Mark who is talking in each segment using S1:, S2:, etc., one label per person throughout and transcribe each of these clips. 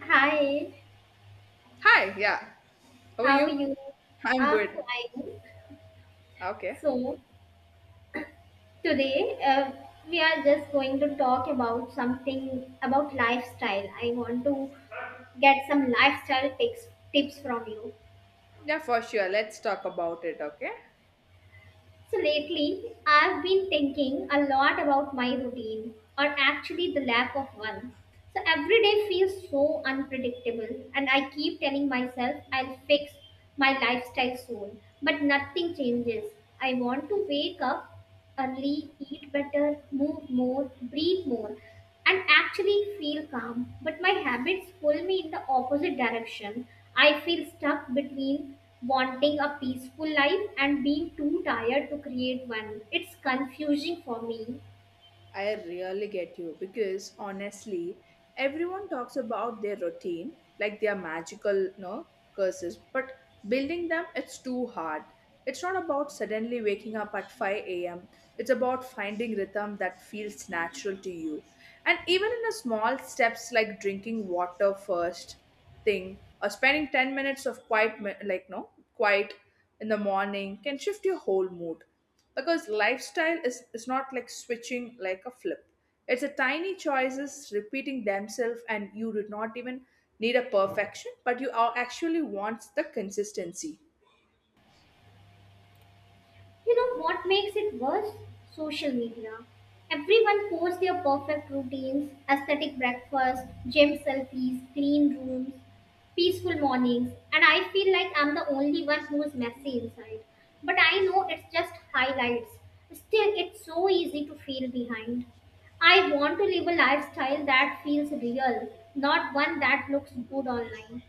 S1: Hi,
S2: Hi, yeah. How are
S1: how are
S2: you?
S1: you?
S2: I'm
S1: I'm
S2: good.
S1: fine.
S2: Okay.
S1: So today we are just going to talk about something about lifestyle. I want to get some lifestyle tips from you.
S2: Yeah, for sure. Let's talk about it, okay?
S1: So lately, I've been thinking a lot about my routine, or actually the lack of one. So every day feels so unpredictable, and I keep telling myself I'll fix my lifestyle soon, but nothing changes. I want to wake up early, eat better, move more, breathe more, and actually feel calm. But my habits pull me in the opposite direction. I feel stuck between wanting a peaceful life and being too tired to create one. It's confusing for me.
S2: I really get you because honestly, everyone talks about their routine like they are magical, no curses, but building them it's too hard. It's not about suddenly waking up at 5 a.m. It's about finding rhythm that feels natural to you. And even in a small steps like drinking water first thing or spending 10 minutes of quiet mi- like no quiet in the morning can shift your whole mood because lifestyle is not like switching like a flip, it's a tiny choices repeating themselves and you do not even need a perfection but you are actually wants the consistency.
S1: You know what makes it worse? Social media. Everyone posts their perfect routines, aesthetic breakfast, gym selfies, clean rooms, peaceful mornings, and I feel like I'm the only one who is messy inside. But I know it's just highlights. Still, it's so easy to feel behind. I want to live a lifestyle that feels real, not one that looks good online.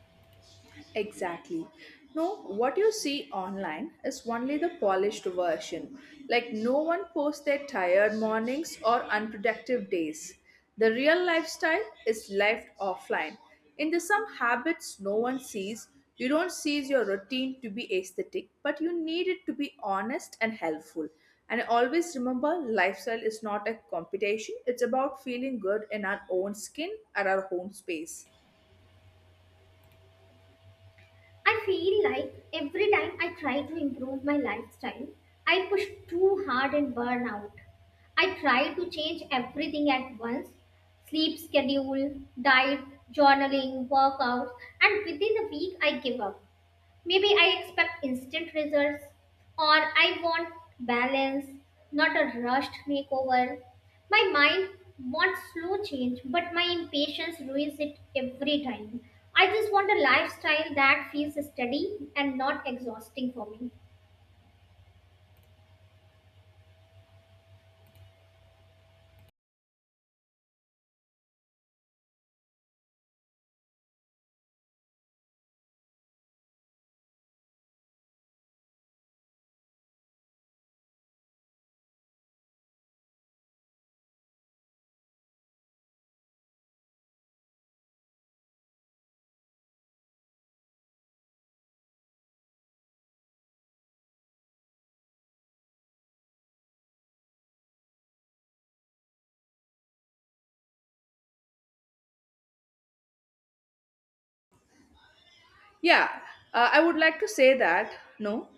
S2: Exactly. No, what you see online is only the polished version. Like, no one posts their tired mornings or unproductive days. The real lifestyle is left offline. In the some habits no one sees, you don't see your routine to be aesthetic, but you need it to be honest and helpful. And always remember, lifestyle is not a competition, it's about feeling good in our own skin or our own space.
S1: I feel like every time I try to improve my lifestyle, I push too hard and burn out. I try to change everything at once sleep schedule, diet, journaling, workouts, and within a week I give up. Maybe I expect instant results, or I want balance, not a rushed makeover. My mind wants slow change, but my impatience ruins it every time. I just want a lifestyle that feels steady and not exhausting for me.
S2: Yeah, I would like to say that no,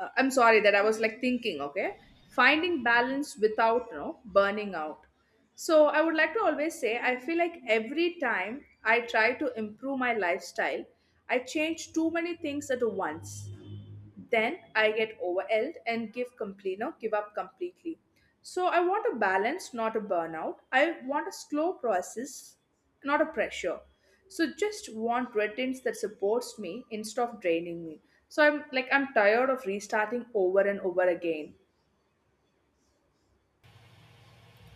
S2: I'm sorry that I was like thinking, okay, finding balance without no burning out. So I would like to always say I feel like every time I try to improve my lifestyle, I change too many things at once, then I get overwhelmed and give complete no give up completely. So I want a balance not a burnout, I want a slow process not a pressure. So just want routines that supports me instead of draining me. So I'm like I'm tired of restarting over and over again.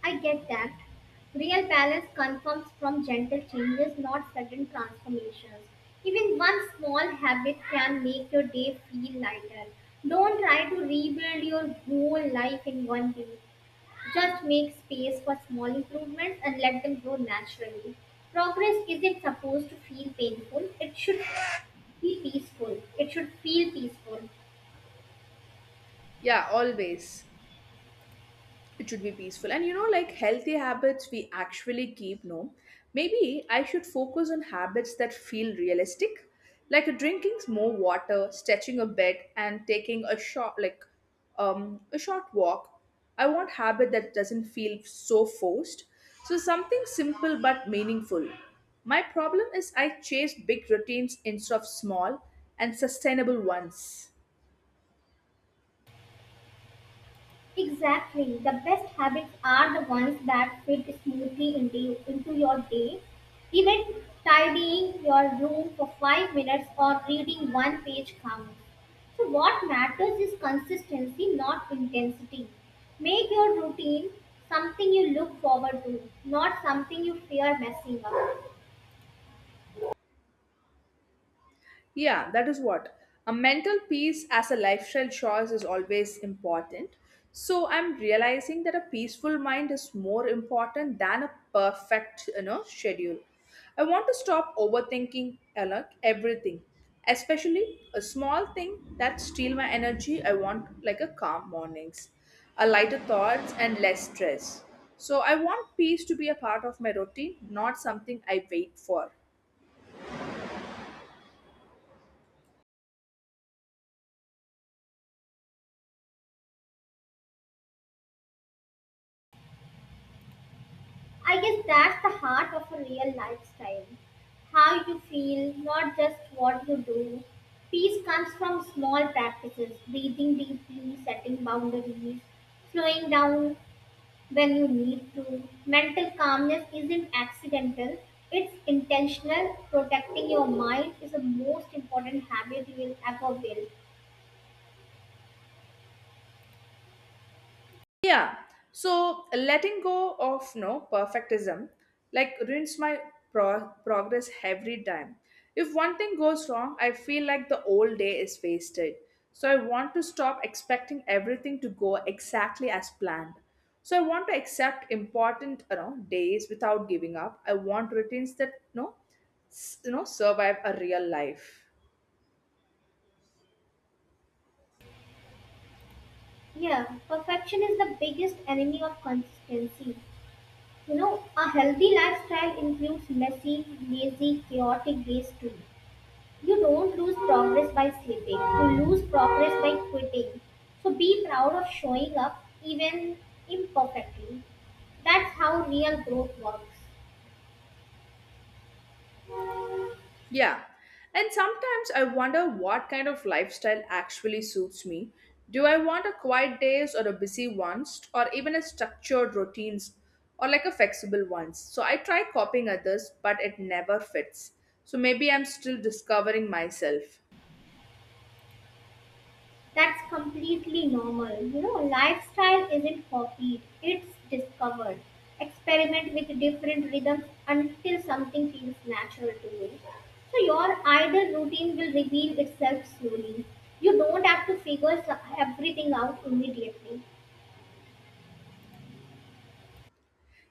S1: I get that. Real balance comes from gentle changes, not sudden transformations. Even one small habit can make your day feel lighter. Don't try to rebuild your whole life in one day. Just make space for small improvements and let them grow naturally. Progress isn't supposed to feel painful, it should be peaceful. It should feel peaceful.
S2: Yeah, always it should be peaceful and you know like healthy habits we actually keep no, maybe I should focus on habits that feel realistic like drinking more water, stretching a bit and taking a short um a short walk. I want habit that doesn't feel so forced, so something simple but meaningful. My problem is I chase big routines instead of small and sustainable ones.
S1: Exactly. The best habits are the ones that fit smoothly into your day. Even tidying your room for 5 minutes or reading one page counts. So, what matters is consistency, not intensity. Make your routine something you look forward to, not something you fear messing up.
S2: Yeah, that is what. A mental peace as a lifestyle choice is always important. So I'm realizing that a peaceful mind is more important than a perfect, you know, schedule. I want to stop overthinking, you know, everything, especially a small thing that steal my energy. I want like a calm mornings, a lighter thoughts and less stress. So I want peace to be a part of my routine, not something I wait for.
S1: I guess that's the heart of a real lifestyle. How you feel, not just what you do. Peace comes from small practices, breathing deeply, setting boundaries, slowing down when you need to. Mental calmness isn't accidental, it's intentional. Protecting your mind is the most important habit you will ever build.
S2: Yeah. So letting go of no perfectism like ruins my progress every time. If one thing goes wrong, I feel like the whole day is wasted. So I want to stop expecting everything to go exactly as planned. So I want to accept important, you know, days without giving up. I want routines that no, you know survive a real life.
S1: Yeah, perfection is the biggest enemy of consistency. You know, a healthy lifestyle includes messy, lazy, chaotic days too. You don't lose progress by sleeping, you lose progress by quitting. So be proud of showing up even imperfectly. That's how real growth works.
S2: Yeah. And sometimes I wonder what kind of lifestyle actually suits me. Do I want a quiet days or a busy ones or even a structured routines or like a flexible ones? So I try copying others but it never fits. So maybe I'm still discovering myself.
S1: That's completely normal. You know, lifestyle isn't copied, it's discovered. Experiment with different rhythms until something feels natural to you. So, your ideal routine will reveal itself slowly. You don't have to figure everything out immediately.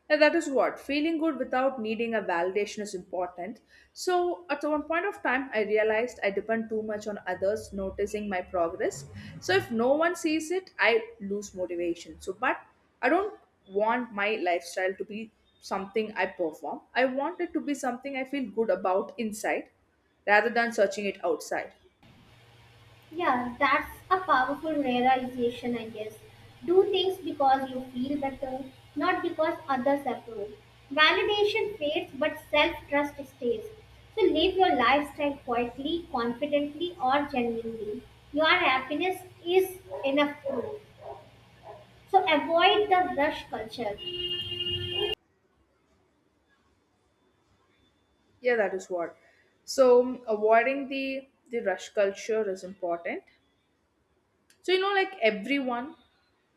S2: And that is what, feeling good without needing a validation is important. So, at one point of time, I realized I depend too much on others noticing my progress. So, if no one sees it, I lose motivation. So, but I don't want my lifestyle to be something I perform, I want it to be something I feel good about inside rather than searching it outside.
S1: Yeah, that's a powerful realization, I guess. Do things because you feel better, not because others approve. Validation fades, but self trust stays. So live your lifestyle quietly, confidently, or genuinely. Your happiness is enough proof. So avoid the rush culture.
S2: Yeah, that is what. So, avoiding the rush culture is important. So, you know, like everyone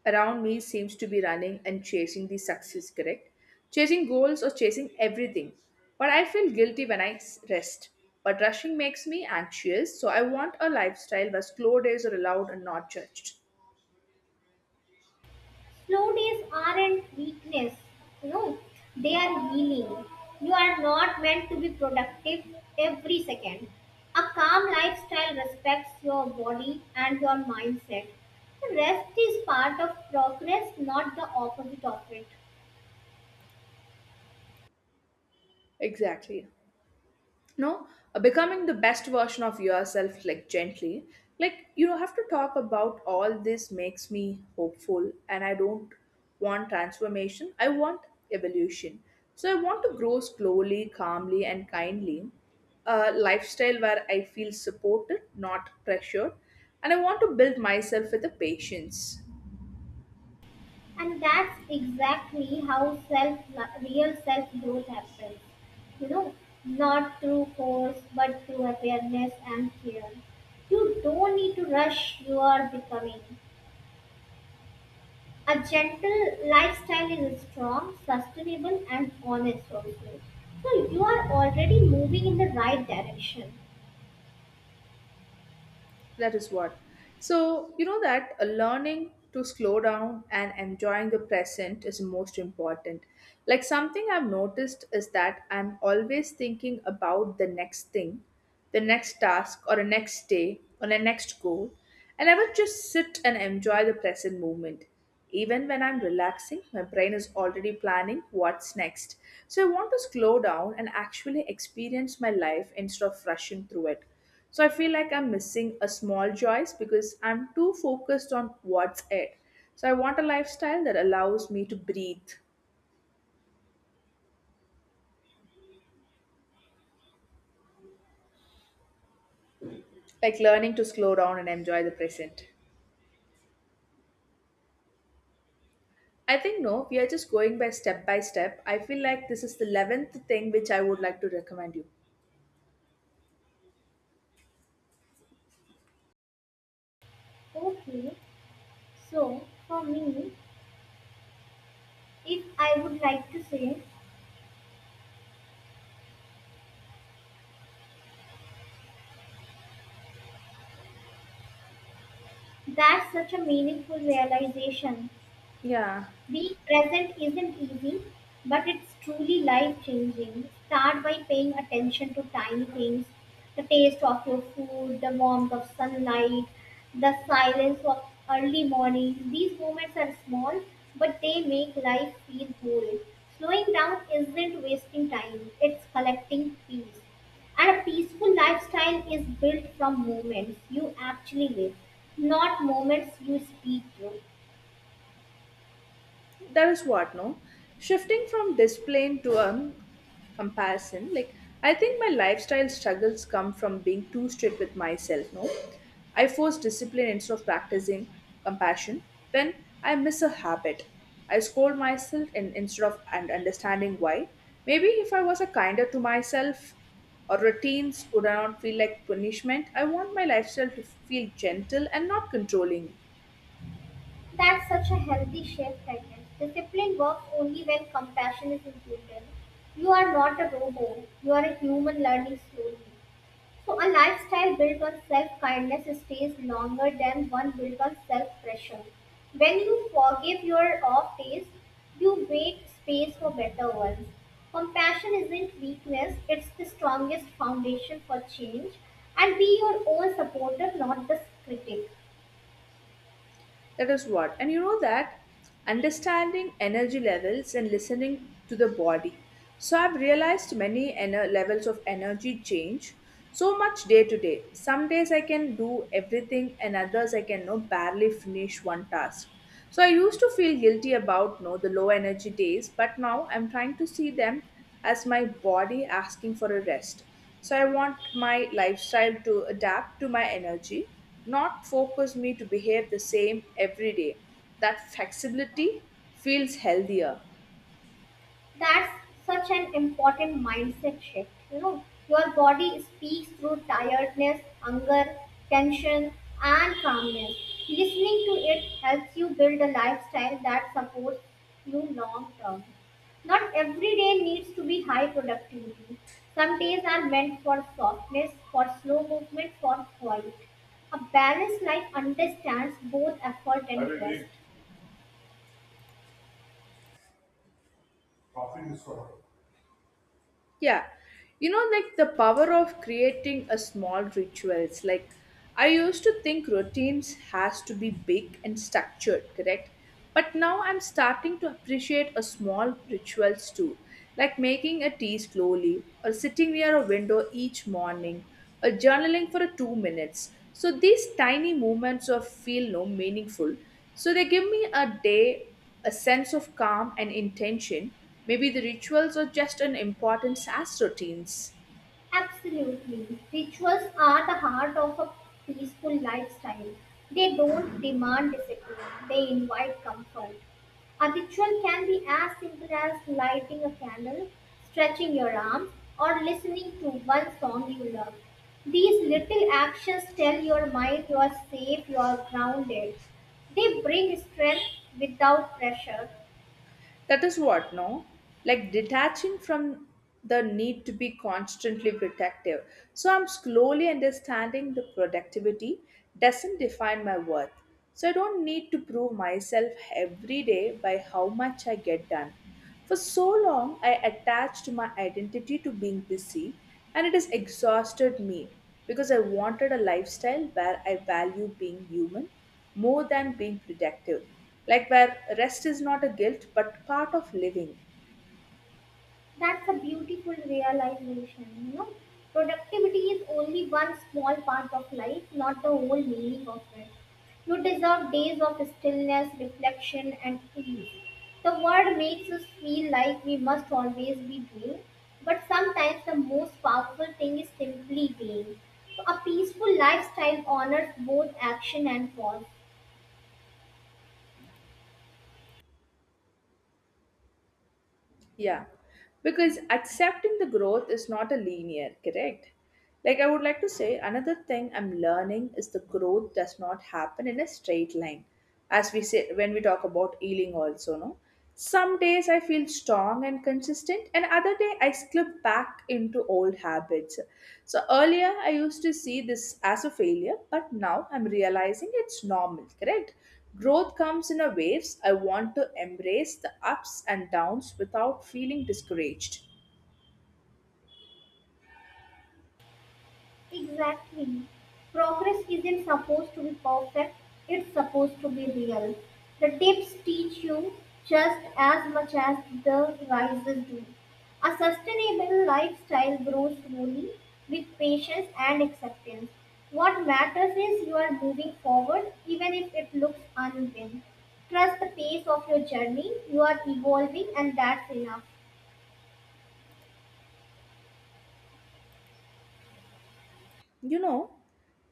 S2: around me seems to be running and chasing the success, correct? Chasing goals or chasing everything. But I feel guilty when I rest. But rushing makes me anxious, so I want a lifestyle where slow days are allowed and not judged.
S1: Slowness aren't weakness, you know, they are healing. You are not meant to be productive every second. A calm lifestyle respects your body and your mindset. Rest is part of progress, not the opposite of it.
S2: Exactly. No, becoming the best version of yourself like gently, like you have to talk about all this makes me hopeful and I don't want transformation, I want evolution. So I want to grow slowly, calmly and kindly, a lifestyle where I feel supported not pressured, and I want to build myself with the patience.
S1: And that's exactly how self real self growth happens. You know, not through force but through awareness and care. You don't need to rush your becoming. A gentle lifestyle is strong, sustainable, and honest also. So you are already moving in the right direction.
S2: That is what. So, you know that learning to slow down and enjoying the present is most important. Like, something I've noticed is that I'm always thinking about the next thing, the next task, or the next day, or the next goal. I never just sit and enjoy the present moment. Even when I'm relaxing, my brain is already planning what's next. So, I want to slow down and actually experience my life instead of rushing through it. So I feel like I'm missing a small choice because I'm too focused on what's ahead. So I want a lifestyle that allows me to breathe, like learning to slow down and enjoy the present. I think no, we are just going by step by step. I feel like this is the 11th thing which I would like to recommend you.
S1: Okay, so for me, if I would like to say that's such a meaningful realization.
S2: Yeah.
S1: Being present isn't easy, but it's truly life changing. Start by paying attention to tiny things the taste of your food, the warmth of sunlight, the silence of early mornings. These moments are small, but they make life feel whole. Slowing down isn't wasting time, it's collecting peace. And a peaceful lifestyle is built from moments you actually live, not moments you speak through.
S2: That is what, no, shifting from display to comparison, like I think my lifestyle struggles come from being too strict with myself, no. I force discipline instead of practicing compassion. When I miss a habit, I scold myself instead of and understanding why. Maybe if I was a kinder to myself, or routines would not feel like punishment, I want my lifestyle to feel gentle and not controlling.
S1: That's such a healthy shift, I guess. Discipline works only when compassion is included. You are not a robot, you are a human learning slowly. So, a lifestyle built on self kindness stays longer than one built on self pressure. When you forgive your off days, you make space for better ones. Compassion isn't weakness, it's the strongest foundation for change. And be your own supporter, not the critic.
S2: That is what. And you know that understanding energy levels and listening to the body. So I've realized many levels of energy change so much day to day. Some days I can do everything and others I can no barely finish one task. So I used to feel guilty about no the low energy days, but now I'm trying to see them as my body asking for a rest. So I want my lifestyle to adapt to my energy, not focus me to behave the same every day. That flexibility feels healthier.
S1: That's such an important mindset shift. You know, your body speaks through tiredness, hunger, tension, and calmness. Listening to it helps you build a lifestyle that supports you long term. Not every day needs to be high productivity. Some days are meant for softness, for slow movement, for quiet. A balanced life understands both effort
S2: I
S1: and
S2: will
S1: rest.
S2: make coffee this one. Yeah, you know, like the power of creating a small rituals. Like I used to think routines has to be big and structured, correct? But now I'm starting to appreciate a small rituals too, like making a tea slowly, or sitting near a window each morning, or journaling for a 2 minutes. So these tiny moments of feel no meaningful. So they give me a day a sense of calm and intention. Maybe the rituals are just an importance as routines.
S1: Absolutely. Rituals are the heart of a peaceful lifestyle. They don't demand discipline, they invite comfort. A ritual can be as simple as lighting a candle, stretching your arms, or listening to one song you love. These little actions tell your mind you are safe, you are grounded. They bring strength without pressure.
S2: That is what, no? Like detaching from the need to be constantly protective. So I'm slowly understanding the productivity doesn't define my worth. So I don't need to prove myself every day by how much I get done. For so long, I attached my identity to being busy, and it has exhausted me because I wanted a lifestyle where I value being human more than being productive, like where rest is not a guilt but part of living.
S1: That's a beautiful realization. You know, productivity is only one small part of life, not the whole meaning of it. You deserve days of stillness, reflection, and peace. The world makes us feel like we must always be doing, but sometimes the most powerful thing is simply being. So a peaceful lifestyle honors both action and pause.
S2: Yeah, because accepting the growth is not a linear, correct? Like I would like to say, another thing I'm learning is the growth does not happen in a straight line. As we say when we talk about healing also, no? Some days I feel strong and consistent, and other day I slip back into old habits. So earlier I used to see this as a failure, but now I'm realizing it's normal, correct? Growth comes in a waves. I want to embrace the ups and downs without feeling discouraged.
S1: Exactly. Progress isn't supposed to be perfect, it's supposed to be real. The dips teach you just as much as the rises do. A sustainable lifestyle grows slowly with patience and acceptance. What matters is you are moving forward even if it looks uneven. Trust the pace of your journey, you are evolving, and that's enough.
S2: You know,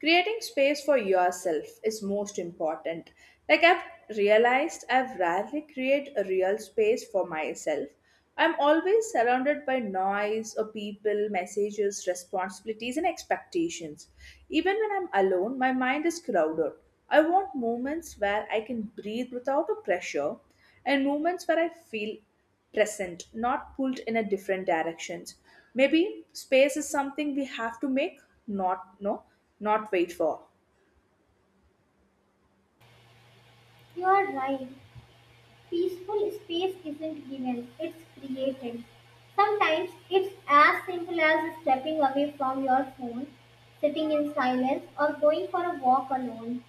S2: creating space for yourself is most important. Like I've realized I've rarely create a real space for myself. I'm always surrounded by noise or people, messages, responsibilities and expectations. Even when I'm alone, my mind is crowded. I want moments where I can breathe without a pressure and moments where I feel present, not pulled in a different directions. Maybe space is something we have to make, not no, not wait for.
S1: You are right. Peaceful space isn't given, it's created. Sometimes it's as simple as stepping away from your phone, sitting in silence, or going for a walk alone.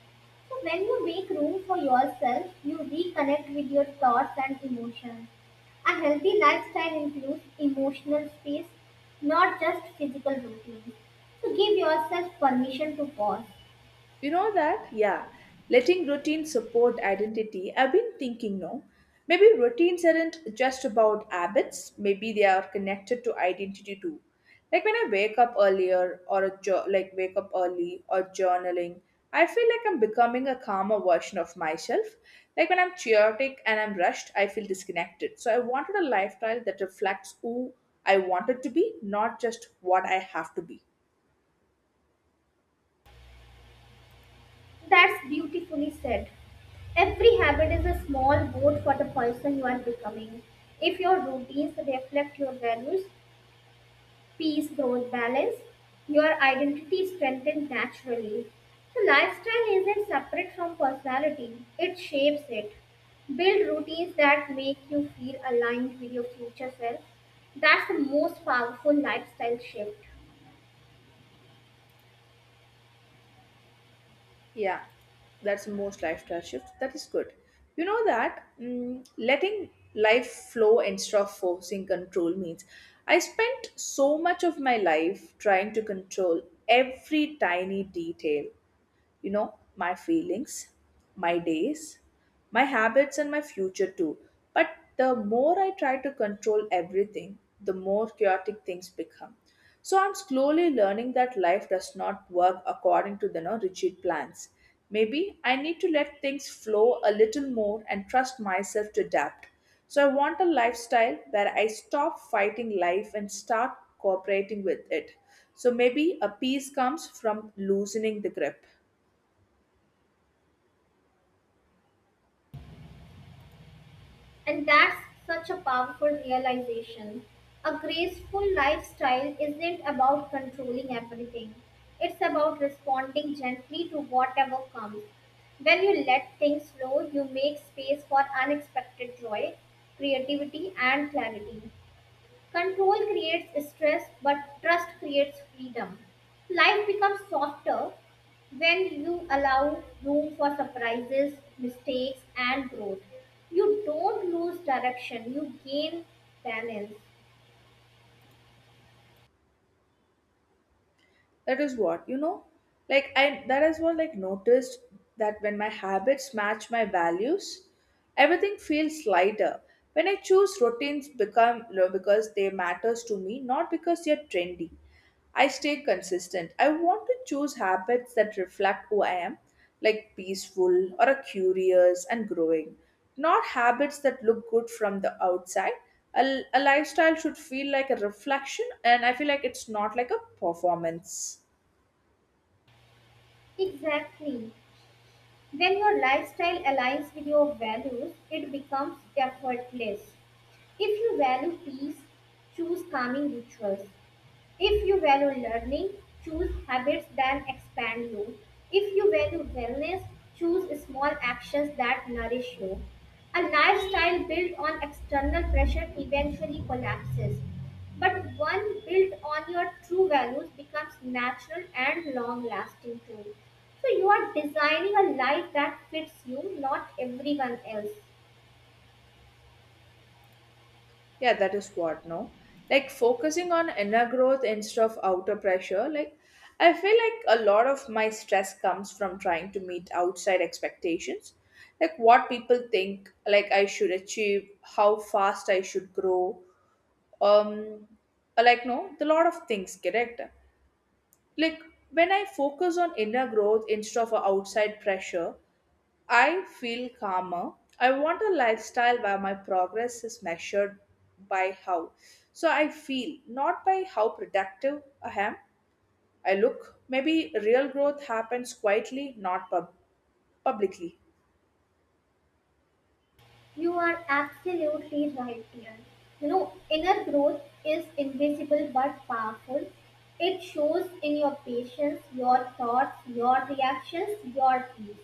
S1: So, when you make room for yourself, you reconnect with your thoughts and emotions. A healthy lifestyle includes emotional space, not just physical routine. So, give yourself permission to pause.
S2: You know that? Yeah. Letting routine support identity. I've been thinking, no. Maybe routines aren't just about habits, maybe they are connected to identity too. Like when I wake up earlier or a wake up early or journaling, I feel like I'm becoming a calmer version of myself. Like when I'm chaotic and I'm rushed, I feel disconnected. So I wanted a lifestyle that reflects who I wanted to be, not just what I have to be.
S1: That's beautifully said. Every habit is a small vote for the person you are becoming. If your routines reflect your values, peace, growth, balance, your identity strengthens naturally. So, lifestyle isn't separate from personality, it shapes it. Build routines that make you feel aligned with your future self. That's the most powerful lifestyle shift.
S2: Yeah, that's most lifestyle shift. That is good. You know that letting life flow instead of forcing control means I spent so much of my life trying to control every tiny detail, you know, my feelings, my days, my habits, and my future too. But the more I try to control everything, the more chaotic things become. So I'm slowly learning that life does not work according to the no, rigid plans. Maybe I need to let things flow a little more and trust myself to adapt. So I want a lifestyle where I stop fighting life and start cooperating with it. So maybe a peace comes from loosening the grip.
S1: And that's such a powerful realization. A graceful lifestyle isn't about controlling everything, it's about responding gently to whatever comes. When you let things flow, you make space for unexpected joy, creativity, and clarity. Control creates stress, but trust creates freedom. Life becomes softer when you allow room for surprises, mistakes, and growth. You don't lose direction, you gain balance.
S2: That is what you know, like I that is what like noticed that when my habits match my values everything feels lighter when I choose routines become because they matters to me not because they're trendy. I stay consistent. I want to choose habits that reflect who I am, like peaceful or a curious and growing, not habits that look good from the outside. A lifestyle should feel like a reflection and I feel like it's not like a performance.
S1: Exactly. When your lifestyle aligns with your values, it becomes effortless. If you value peace, choose calming rituals. If you value learning, choose habits that expand you. If you value wellness, choose small actions that nourish you. A lifestyle built on external pressure eventually collapses, but one built on your true values becomes natural and long lasting too. So you are designing a life that fits you, not everyone else.
S2: Yeah, that is what no, like focusing on inner growth instead of outer pressure, like I feel like a lot of my stress comes from trying to meet outside expectations, like what people think, like I should achieve, how fast I should grow, um like no the lot of things correct, like when I focus on inner growth instead of outside pressure I feel calmer. I want a lifestyle where my progress is measured by how. So I feel, not by how productive I am. I look. Maybe real growth happens quietly, not publicly.
S1: You are absolutely right, dear. You know, inner growth is invisible but powerful. It shows in your patience, your thoughts, your reactions, your peace.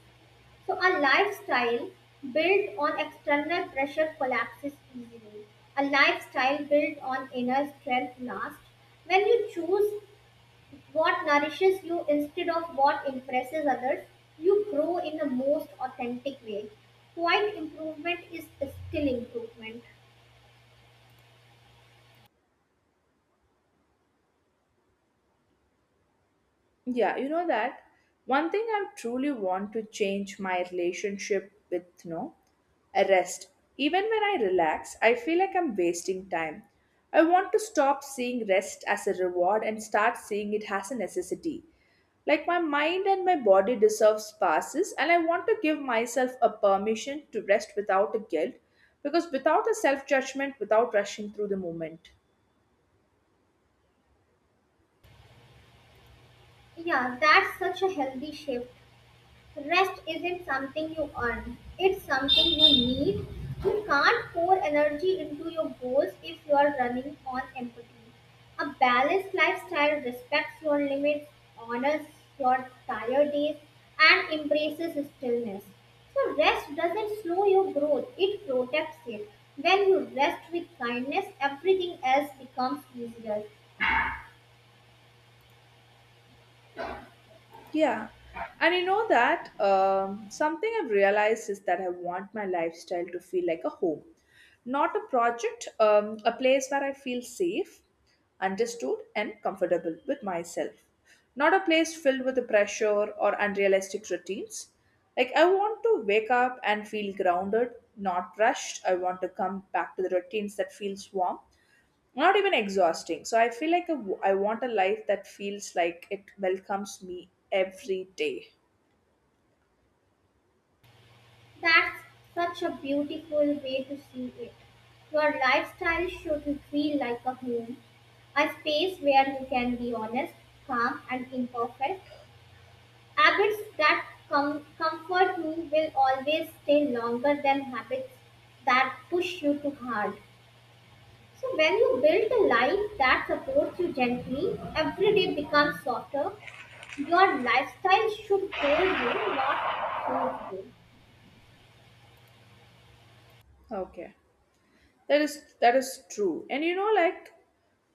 S1: So, a lifestyle built on external pressure collapses easily. A lifestyle built on inner strength lasts. When you choose what nourishes you instead of what impresses others, you grow in the most authentic way. Quiet improvement is still improvement.
S2: Yeah, you know that one thing I truly want to change my relationship with no, a rest. Even when I relax, I feel like I'm wasting time. I want to stop seeing rest as a reward and start seeing it as a necessity. Like my mind and my body deserves passes, and I want to give myself a permission to rest without a guilt, because without a self judgment, without rushing through the moment.
S1: Yeah, that's such a healthy shift. Rest isn't something you earn, it's something you need. You can't pour energy into your goals if you are running on empathy. A balanced lifestyle respects your limits, honors your tired days, and embraces stillness. So, rest doesn't slow your growth, it protects it. When you rest with kindness, everything else becomes easier.
S2: Yeah. And you know that something I've realized is that I want my lifestyle to feel like a home, not a project, a place where I feel safe, understood, and comfortable with myself. Not a place filled with the pressure or unrealistic routines. Like, I want to wake up and feel grounded, not rushed. I want to come back to the routines that feels warm, not even exhausting, so I feel like a, I want a life that feels like it welcomes me every day.
S1: That's such a beautiful way to see it. Your lifestyle should feel like a home, a space where you can be honest, calm, and imperfect. Habits that comfort you will always stay longer than habits that push you too hard. So, when you build a life that supports you gently, every day becomes softer. Your lifestyle should hold you, not save you.
S2: Okay, that is true, and you know, like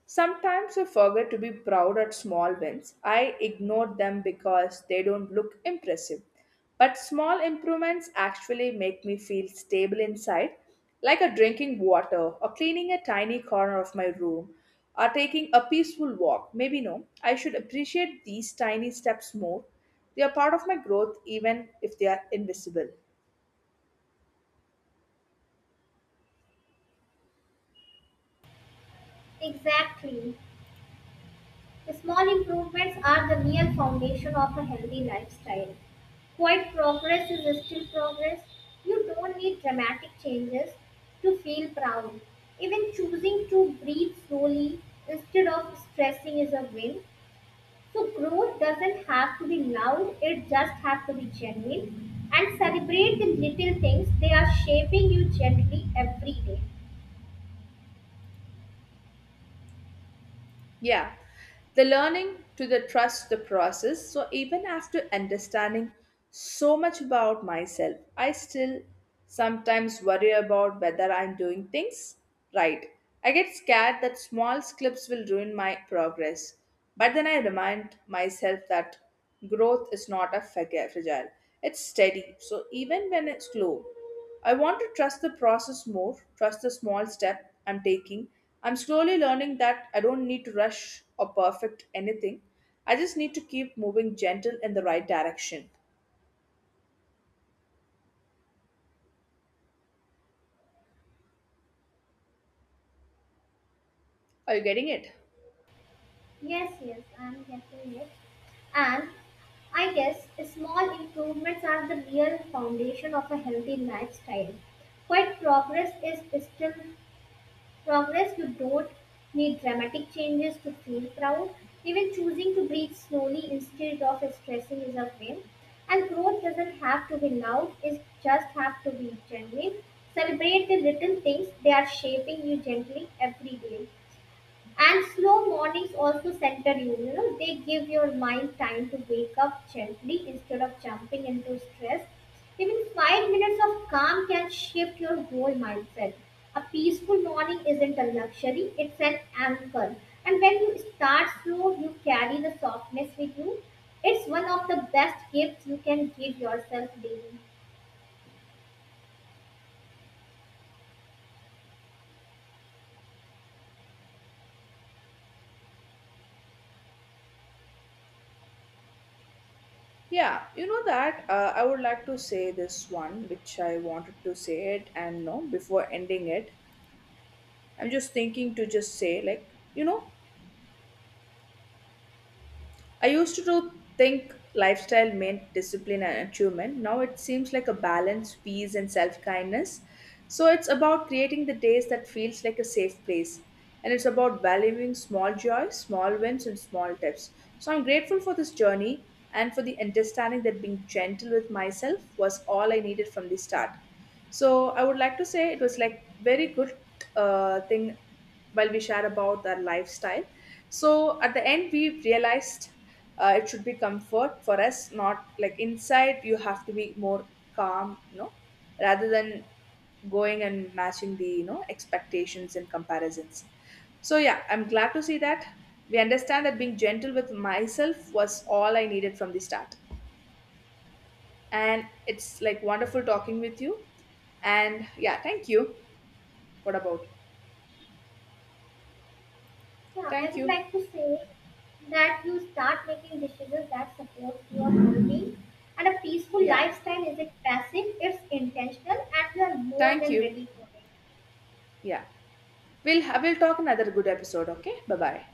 S2: sometimes I forget to be proud at small wins. I ignore them because they don't look impressive. But small improvements actually make me feel stable inside, like a drinking water, or cleaning a tiny corner of my room, or taking a peaceful walk. Maybe no, I should appreciate these tiny steps more. They are part of my growth even if they are invisible.
S1: Exactly. Small improvements are the real foundation of a healthy lifestyle. Quiet progress is still progress. You don't need dramatic changes to feel proud. Even choosing to breathe slowly instead of stressing is a win. So, growth doesn't have to be loud, it just has to be genuine. And celebrate the little things, they are shaping you gently every day.
S2: Yeah, the learning to the trust the process. So even after understanding so much about myself, I still sometimes worry about whether I'm doing things right. I get scared that small slips will ruin my progress. But then I remind myself that growth is not a fragile. It's steady. So even when it's slow, I want to trust the process more, trust the small step I'm taking. I'm slowly learning that I don't need to rush or perfect anything. I just need to keep moving gentle in the right direction. Are you getting it?
S1: Yes, yes, I'm getting it. And I guess small improvements are the real foundation of a healthy lifestyle. Quite progress is still progress. You don't need dramatic changes to feel proud. Even choosing to breathe slowly instead of stressing is a win. And growth doesn't have to be loud, it just have to be genuine. Celebrate the little things they are shaping you gently every day. And slow mornings also center you. You know, they give your mind time to wake up gently instead of jumping into stress. Even 5 minutes of calm can shift your whole mindset. A peaceful morning isn't a luxury, it's an anchor. And when you start slow, you carry the softness with you. It's one of the best gifts you can give yourself daily.
S2: Yeah, you know that I would like to say this one, which I wanted to say it, and no, before ending it, I'm just thinking to just say, like, you know, I used to do think lifestyle meant discipline and achievement. Now it seems like a balance, peace, and self kindness. So it's about creating the days that feels like a safe place. And it's about valuing small joys, small wins, and small tips. So I'm grateful for this journey and for the understanding that being gentle with myself was all I needed from the start. So I would like to say it was like very good thing while we share about our lifestyle. So at the end, we realized it should be comfort for us, not like inside. You have to be more calm, you know, rather than going and matching the you know expectations and comparisons. So yeah, I'm glad to see that we understand that being gentle with myself was all I needed from the start. And it's like wonderful talking with you. And yeah, thank you. What about you?
S1: Yeah, I
S2: Thank
S1: would
S2: you.
S1: like to say that you start making decisions that support your well-being and a peaceful
S2: Yeah.
S1: lifestyle isn't passive, it's intentional and you are more
S2: Thank
S1: than
S2: you.
S1: ready for it.
S2: Yeah. We'll talk another good episode, okay? Bye-bye.